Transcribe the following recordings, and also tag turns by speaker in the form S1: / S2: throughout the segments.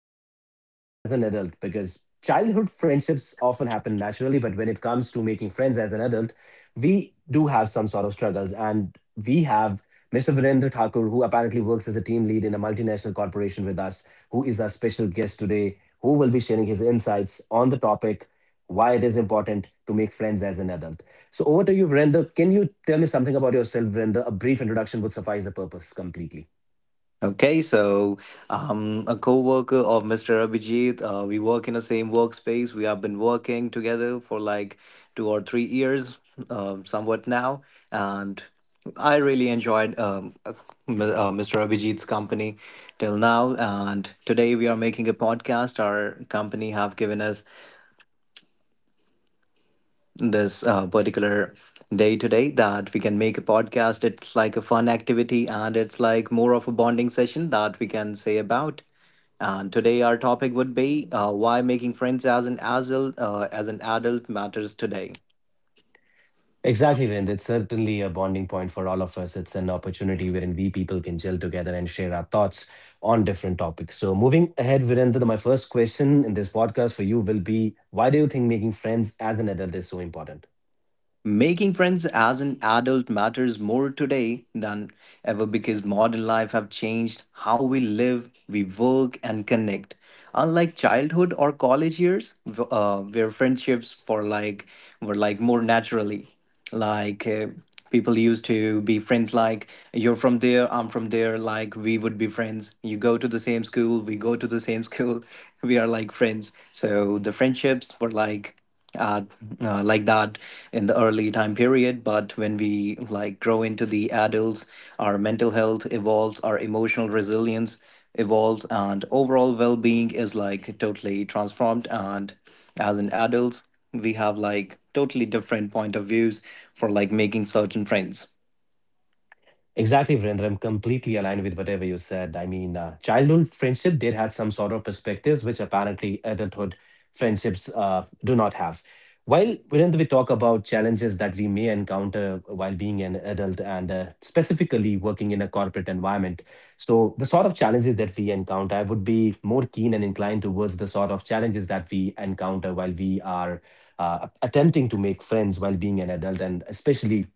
S1: It's about making friends as an adult because childhood friendships often happen naturally, but when it comes to making friends as an adult, we do have some sort of struggles and we have Mr. Virendra Thakur, who apparently works as a team lead in a multinational corporation with us, who is our special guest today, who will be sharing his insights on the topic why it is important to make friends as an adult. So over to you, Virender. Can you tell me something about yourself, Virender? A brief introduction would suffice the purpose completely.
S2: Okay, so a co-worker of Mr. Abhijit, we work in the same workspace. We have been working together for like 2 or 3 years, somewhat now, and I really enjoyed Mr. Abhijit's company till now. And today we are making a podcast. Our company have given us this particular day today that we can make a podcast. It's like a fun activity and it's like more of a bonding session that we can say about. And today our topic would be why making friends as an adult as an adult matters today.
S1: Exactly, Virender. It's certainly a bonding point for all of us. It's an opportunity wherein we people can gel together and share our thoughts on different topics. So moving ahead, Virender, my first question in this podcast for you will be, why do you think making friends as an adult is so important?
S2: Making friends as an adult matters more today than ever because modern life have changed how we live, we work and connect. Unlike childhood or college years, where friendships for like were like more naturally, like uh, people used to be friends like you're from there, I'm from there, like we would be friends. You go to the same school, we go to the same school, we are like friends. So the friendships were like ad, like that in the early time period, but when we like grow into the adults, our mental health evolves, our emotional resilience evolves, and overall well-being is like totally transformed, and as an adults we have like totally different point of views for like making certain friends.
S1: Exactly, Virendra. I'm completely aligned with whatever you said. I mean, childhood friendship did have some sort of perspectives which apparently adulthood friendships do not have. While Virendra, we talk about challenges that we may encounter while being an adult, and specifically working in a corporate environment. So, the sort of challenges that we encounter, I would be more keen and inclined towards the sort of challenges that we encounter while we are attempting to make friends while being an adult, and especially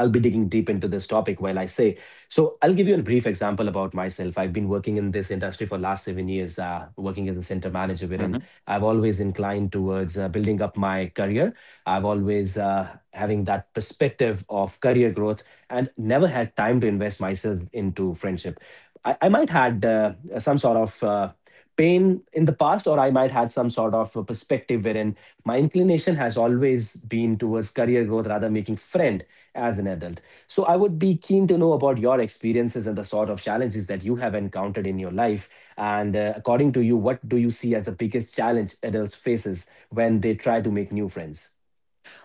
S1: I'll be digging deep into this topic while I say. So I'll give you a brief example about myself. I've been working in this industry for last 7 years, working as a center manager, wherein I've always inclined towards building up my career. I've always having that perspective of career growth and never had time to invest myself into friendship. I might had some sort of pain in the past, or I might had some sort of a perspective wherein my inclination has always been towards career growth rather making friend as an adult. So I would be keen to know about your experiences and the sort of challenges that you have encountered in your life. And according to you, what do you see as the biggest challenge adults faces when they try to make new friends?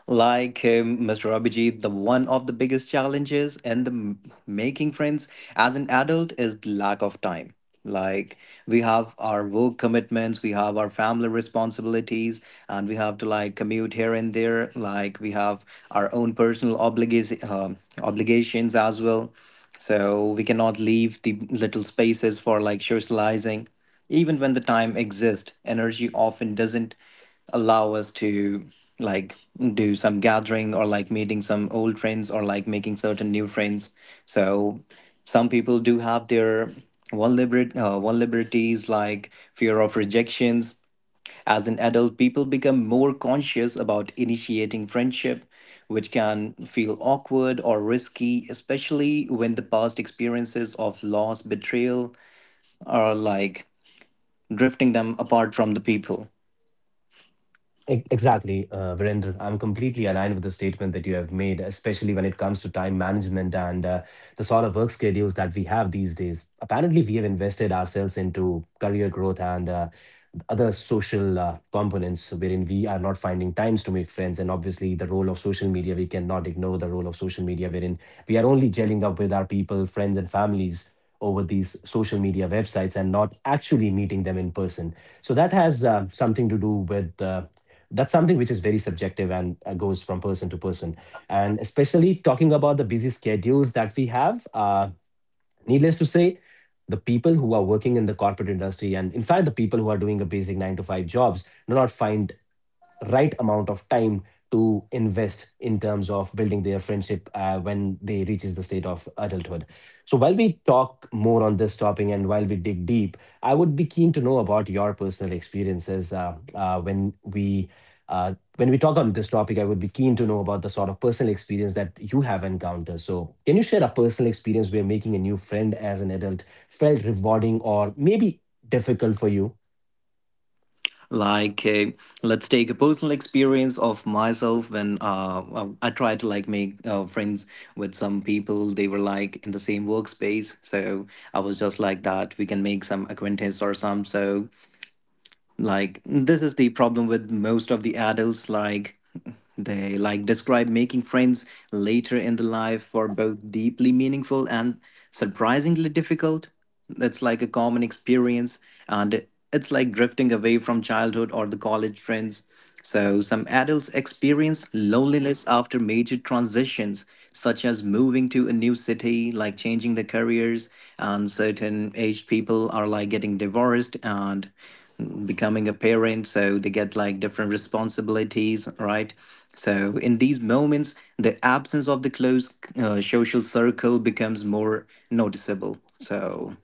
S2: Like Mr. Abhijit, the one of the biggest challenges in the making friends as an adult is the lack of time. Like we have our work commitments, we have our family responsibilities, and we have to like commute here and there. Like we have our own personal obligations, obligations as well. So we cannot leave the little spaces for like socializing. Even when the time exists, energy often doesn't allow us to like do some gathering or like meeting some old friends or like making certain new friends. So some people do have their vulnerability vulnerabilities like fear of rejections. As an adult, people become more conscious about initiating friendship, which can feel awkward or risky, especially when the past experiences of loss, betrayal are like drifting them apart from the people.
S1: Exactly, Virender. I'm completely aligned with the statement that you have made, especially when it comes to time management and the sort of work schedules that we have these days. Apparently, we have invested ourselves into career growth and other social components wherein we are not finding times to make friends. And obviously, the role of social media, we cannot ignore the role of social media wherein we are only gelling up with our people, friends, and families over these social media websites and not actually meeting them in person. So that has something to do with. That's something which is very subjective and goes from person to person, and especially talking about the busy schedules that we have, needless to say, the people who are working in the corporate industry, and in fact the people who are doing a basic 9 to 5 jobs, do not find right amount of time to invest in terms of building their friendship when they reaches the state of adulthood. So while we talk more on this topic and while we dig deep, I would be keen to know about your personal experiences. When we talk on this topic, I would be keen to know about the sort of personal experience that you have encountered. So can you share a personal experience where making a new friend as an adult felt rewarding or maybe difficult for you?
S2: Like let's take a personal experience of myself when I tried to like make friends with some people. They were like in the same workspace, so I was just like that we can make some acquaintance or some. So like this is the problem with most of the adults. Like they like describe making friends later in the life for both deeply meaningful and surprisingly difficult. It's like a common experience, and it's like drifting away from childhood or the college friends. So some adults experience loneliness after major transitions such as moving to a new city, like changing the careers, and certain aged people are like getting divorced and becoming a parent, so they get like different responsibilities, right? So in these moments, the absence of the close social circle becomes more noticeable. So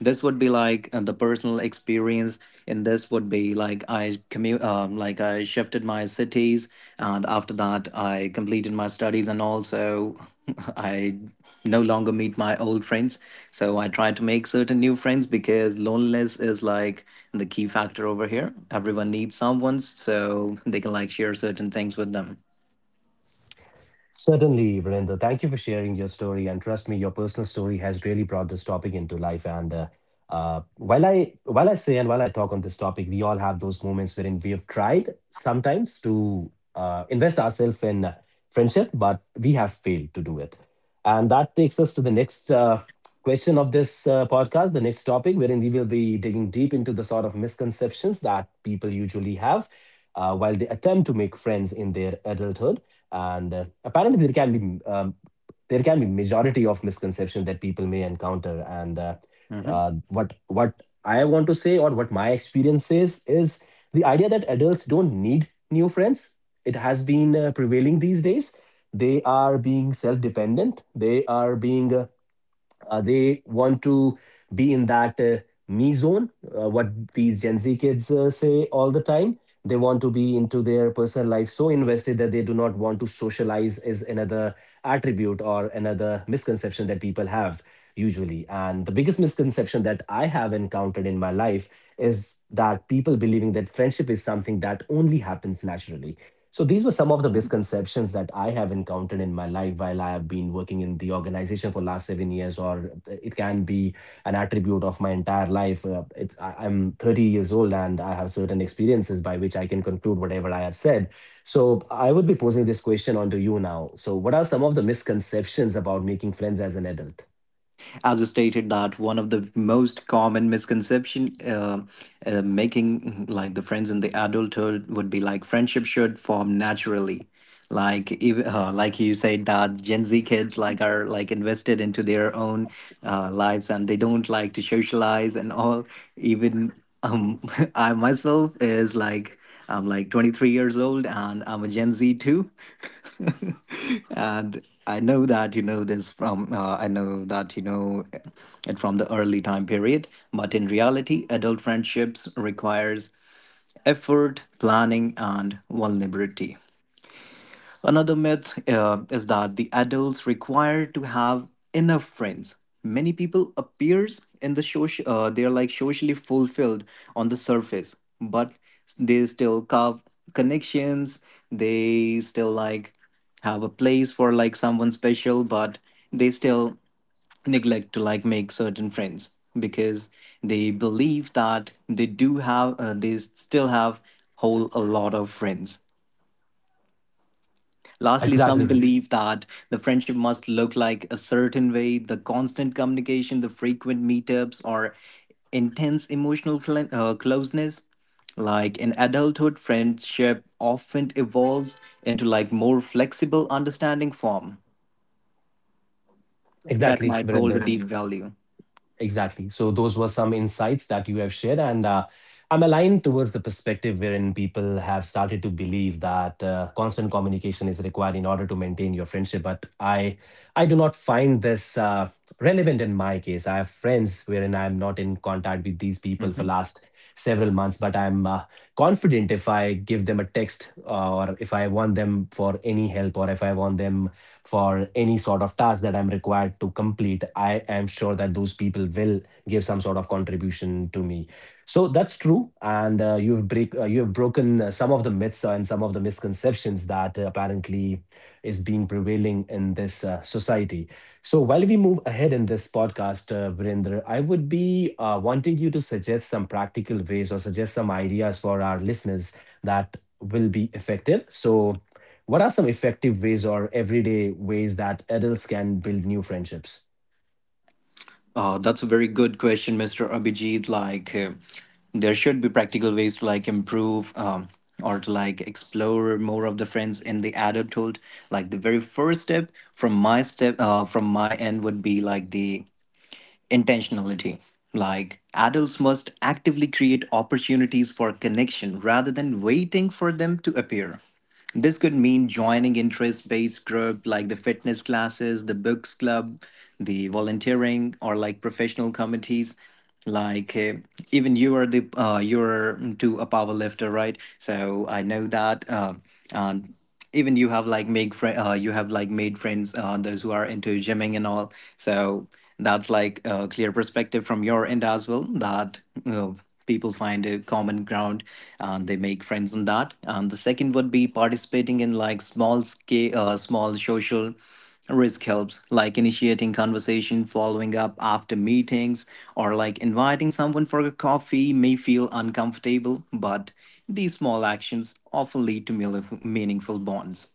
S2: this would be like the personal experience, and this would be like I commute, like I shifted my cities, and after that I completed my studies and also I no longer meet my old friends. So I try to make certain new friends because loneliness is like the key factor over here. Everyone needs someone so they can like share certain things with them.
S1: Certainly, Virender. Thank you for sharing your story. And trust me, your personal story has really brought this topic into life. And while I say and while I talk on this topic, we all have those moments wherein we have tried sometimes to invest ourselves in friendship, but we have failed to do it. And that takes us to the next question of this podcast, the next topic, wherein we will be digging deep into the sort of misconceptions that people usually have while they attempt to make friends in their adulthood. And apparently be um, there can be majority of misconception that people may encounter. And what I want to say, or what my experience is the idea that adults don't need new friends. It has been prevailing these days. They are being self-dependent, they are being they want to be in that me zone, what these Gen Z kids say all the time. They want to be into their personal life so invested that they do not want to socialize, is another attribute or another misconception that people have usually. And the biggest misconception that I have encountered in my life is that people believing that friendship is something that only happens naturally. So these were some of the misconceptions that I have encountered in my life while I have been working in the organization for last 7 years, or it can be an attribute of my entire life. I'm 30 years old and I have certain experiences by which I can conclude whatever I have said. So I would be posing this question onto you now. So what are some of the misconceptions about making friends as an adult?
S2: As you stated that one of the most common misconception making like the friends in the adulthood would be like friendship should form naturally. Like like you said that Gen Z kids like are like invested into their own lives and they don't like to socialize and all. Even um, I myself is like I'm like 23 years old and I'm a Gen Z too. And I know that you know this from, I know that you know it from the early time period. But in reality, adult friendships requires effort, planning, and vulnerability. Another myth is that the adults require to have enough friends. Many people appears in the social, they're like socially fulfilled on the surface, but they still carve connections. They still like have a place for like someone special, but they still neglect to like make certain friends because they believe that they do have they still have whole a lot of friends. Lastly, some
S1: Exactly.
S2: believe that the friendship must look like a certain way. The constant communication, the frequent meetups, or intense emotional closeness. Like in adulthood, friendship often evolves into like more flexible understanding form that
S1: Exactly,
S2: might
S1: Virender.
S2: hold a deep value.
S1: Exactly. So those were some insights that you have shared, and I'm aligned towards the perspective wherein people have started to believe that constant communication is required in order to maintain your friendship. But I do not find this relevant in my case. I have friends wherein I'm not in contact with these people for last several months, but I'm confident if I give them a text or if I want them for any help, or if I want them for any sort of task that I'm required to complete, I am sure that those people will give some sort of contribution to me. So that's true, and you have broken some of the myths and some of the misconceptions that apparently is being prevailing in this society. So while we move ahead in this podcast, Virendra, I would be wanting you to suggest some practical ways or suggest some ideas for our listeners that will be effective. So what are some effective ways or everyday ways that adults can build new friendships?
S2: That's a very good question, Mr. Abhijit. Like, there should be practical ways to like improve, or to like explore more of the friends in the adulthood. Like the very first step from my end would be like the intentionality. Like, adults must actively create opportunities for connection rather than waiting for them to appear. This could mean joining interest based groups like the fitness classes, the books club, the volunteering, or like professional committees. Like even you are the you're to a power lifter, right? So I know that. And even you have like make friend you have like made friends those who are into gymming and all. So that's like a clear perspective from your end as well that, you know, people find a common ground and they make friends on that. And the second would be participating in like small social risk helps, like initiating conversation, following up after meetings, or like inviting someone for a coffee may feel uncomfortable, but these small actions often lead to meaningful bonds.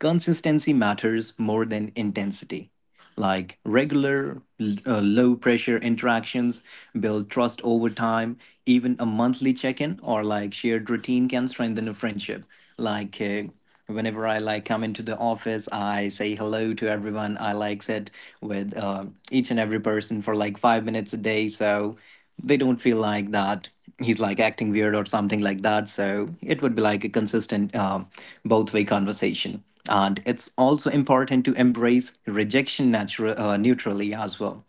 S2: Consistency matters more than intensity. Like regular, low pressure interactions build trust over time. Even a monthly check in or like shared routine can strengthen a friendship. Like, whenever I like come into the office, I say hello to everyone. I like sit with each and every person for like 5 minutes a day. So they don't feel like that he's like acting weird or something like that. So it would be like a consistent, both way conversation. And it's also important to embrace rejection natural neutrally as well.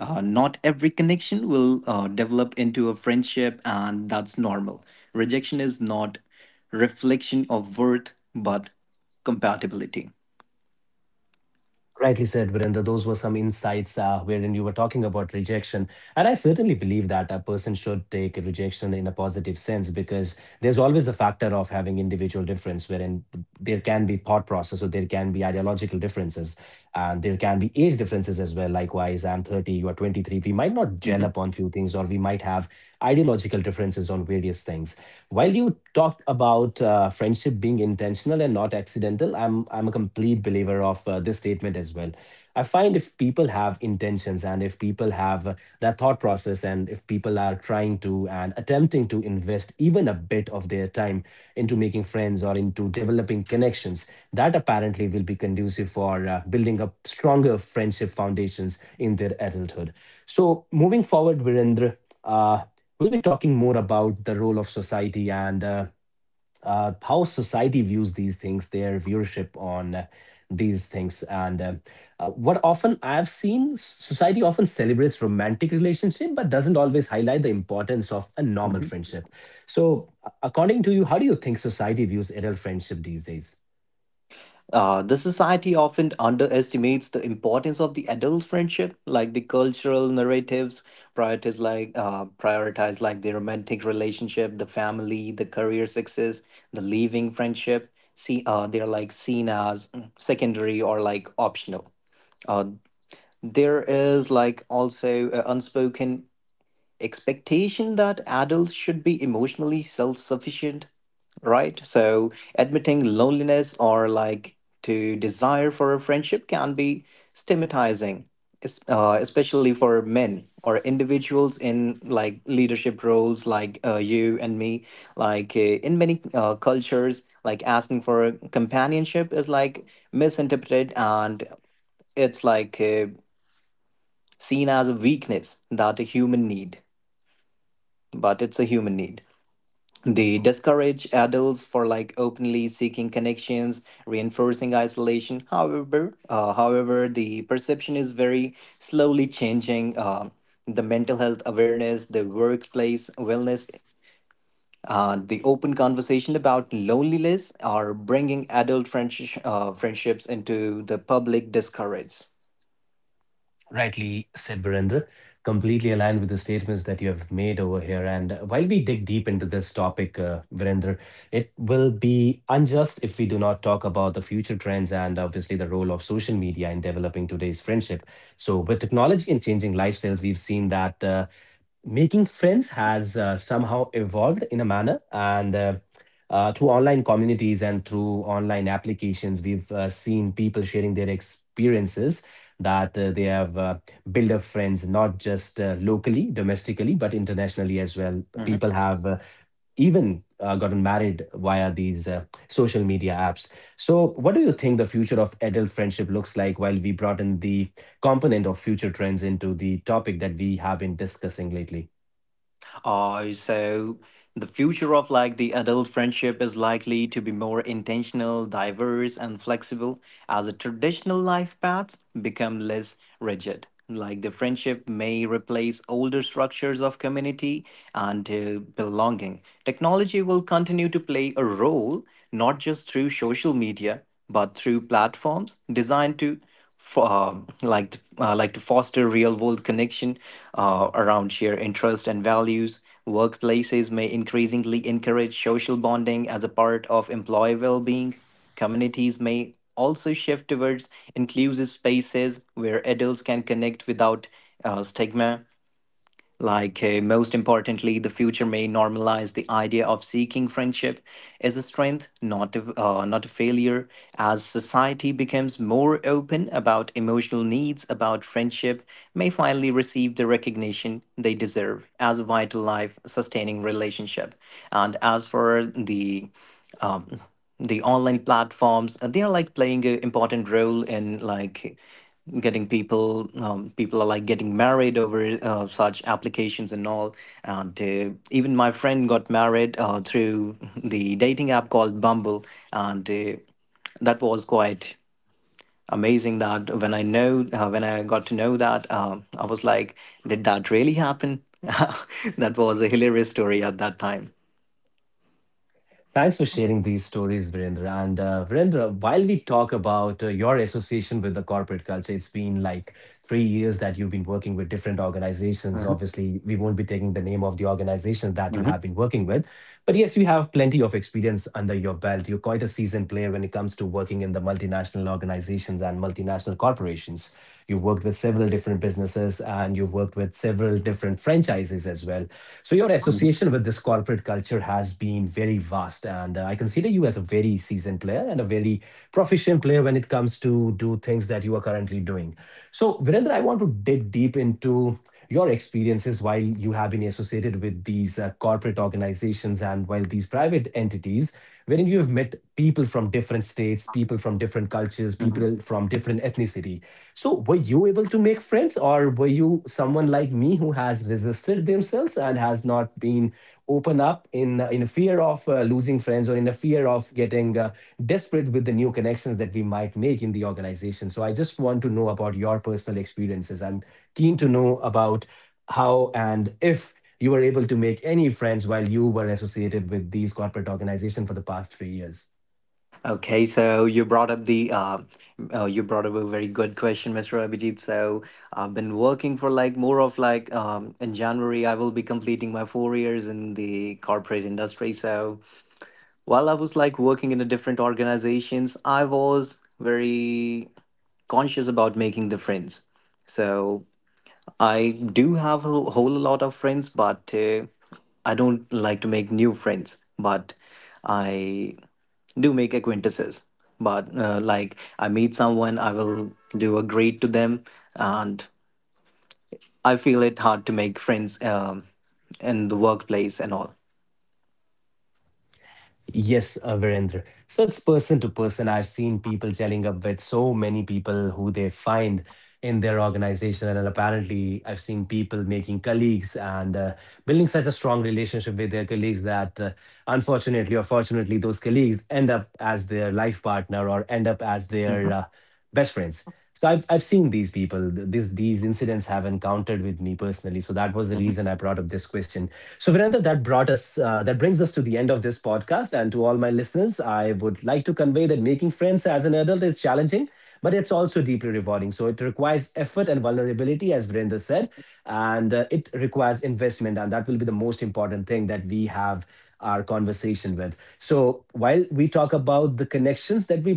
S2: Not every connection will develop into a friendship, and that's normal. Rejection is not reflection of worth, but compatibility.
S1: Rightly said, Virendra. Those were some insights wherein you were talking about rejection. And I certainly believe that a person should take rejection in a positive sense because there's always a factor of having individual difference wherein there can be thought process or there can be ideological differences, and there can be age differences as well. Likewise, I'm 30, you are 23. We might not gel up on few things, or we might have ideological differences on various things. While you talked about friendship being intentional and not accidental, I'm a complete believer of this statement as well. I find if people have intentions and if people have that thought process, and if people are trying to and attempting to invest even a bit of their time into making friends or into developing connections, that apparently will be conducive for building up stronger friendship foundations in their adulthood. So, moving forward, Virendra, uh, we'll be talking more about the role of society and how society views these things, their viewership on these things, and what often I've seen, society often celebrates romantic relationship, but doesn't always highlight the importance of a normal friendship. So, according to you, how do you think society views adult friendship these days?
S2: The society often underestimates the importance of the adult friendship, like the cultural narratives prioritize like the romantic relationship, the family, the career success, the leaving friendship. See, they're like seen as secondary or like optional. Uh, there is like also an unspoken expectation that adults should be emotionally self-sufficient, right? So admitting loneliness or like to desire for a friendship can be stigmatizing, especially for men or individuals in like leadership roles like you and me. Like in many cultures, like asking for companionship is like misinterpreted, and it's like seen as a weakness that a human need, but it's a human need. They discourage adults for like openly seeking connections, reinforcing isolation. However, the perception is very slowly changing. The mental health awareness, the workplace wellness, the open conversation about loneliness are bringing adult friendships into the public discourage.
S1: Rightly said, Virender. Completely aligned with the statements that you have made over here. And while we dig deep into this topic, Virender, it will be unjust if we do not talk about the future trends and obviously the role of social media in developing today's friendship. So, with technology and changing lifestyles, we've seen that. Making friends has somehow evolved in a manner, and through online communities and through online applications, we've seen people sharing their experiences that they have built up friends not just locally domestically, but internationally as well. People
S2: Hmm.
S1: have even gotten married via these social media apps. So what do you think the future of adult friendship looks like while we brought in the component of future trends into the topic that we have been discussing lately?
S2: So the future of like the adult friendship is likely to be more intentional, diverse, and flexible as the traditional life paths become less rigid. Like the friendship may replace older structures of community and, belonging. Technology will continue to play a role not just through social media but through platforms designed to foster real world connection around shared interests and values. Workplaces may increasingly encourage social bonding as a part of employee well being. Communities may also shift towards inclusive spaces where adults can connect without stigma. Like, most importantly, the future may normalize the idea of seeking friendship as a strength, not not a failure, as society becomes more open about emotional needs, about friendship, may finally receive the recognition they deserve as a vital life sustaining relationship. And as for the online platforms, they are like playing an important role in like getting people, people are like getting married over such applications and all. And even my friend got married through the dating app called Bumble. And that was quite amazing that when I know when I got to know that, I was like, did that really happen? That was a hilarious story at that time.
S1: Thanks for sharing these stories, Virendra. And Virendra, while we talk about your association with the corporate culture, it's been like 3 years that you've been working with different organizations. Obviously, we won't be taking the name of the organization that you have been
S2: Hmm.
S1: working with. But yes, you have plenty of experience under your belt. You're quite a seasoned player when it comes to working in the multinational organizations and multinational corporations. You've worked with several different businesses, and you've worked with several different franchises as well. So your association conversation with this corporate culture has been very vast, and I consider you as a very seasoned player and a very proficient player when it comes to do things that you are currently doing. So, Virendra, I want to dig deep into your experiences while you have been associated with these corporate organizations and while these private entities wherein you have met people from different states, people from different cultures, people from different ethnicity. So were you able to make friends, or were you someone like me who has resisted themselves and has not been open up in a fear of losing friends or in a fear of getting desperate with the new connections that we might make in the organization. So I just want to know about your personal experiences. I'm keen to know about how and if you were able to make any friends while you were associated with these corporate organizations for the past 3 years.
S2: Okay, so you brought up a very good question, Mr. Abhijit. So I've been working for like more of like, in January I will be completing my 4 years in the corporate industry. So while I was like working in a different organizations, I was very conscious about making the friends. So I do have a whole lot of friends, but I don't like to make new friends. But I do make acquaintances, but like I meet someone, I will do a greet to them, and I feel it hard to make friends, in the workplace and all.
S1: Yes, Virendra. So it's person to person. I've seen people gelling up with so many people who they find in their organization. And apparently, I've seen people making colleagues and building such a strong relationship with their colleagues that unfortunately or fortunately, those colleagues end up as their life partner or end up as their
S2: Hmm.
S1: best friends. So I've seen these people. Th- This these incidents have encountered with me personally. So that was the reason I
S2: Hmm.
S1: brought up this question. So Virendra, that brings us to the end of this podcast. And to all my listeners, I would like to convey that making friends as an adult is challenging, but it's also deeply rewarding. So it requires effort and vulnerability, as Virendra said, and it requires investment, and that will be the most important thing that we have our conversation with. So while we talk about the connections that we build,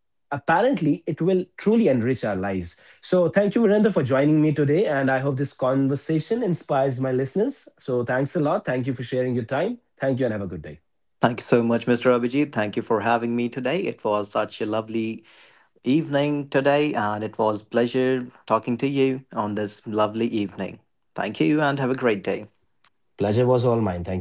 S1: apparently it will truly enrich our lives. So thank you, Virendra, for joining me today. And I hope this conversation inspires my listeners. So thanks a lot. Thank you for sharing your time. Thank you and have a good day.
S2: Thank you so much, Mr. Abhijit. Thank you for having me today. It was such a lovely evening today, and it was pleasure talking to you on this lovely evening. Thank you, and have a great day.
S1: Pleasure was all mine. Thank you.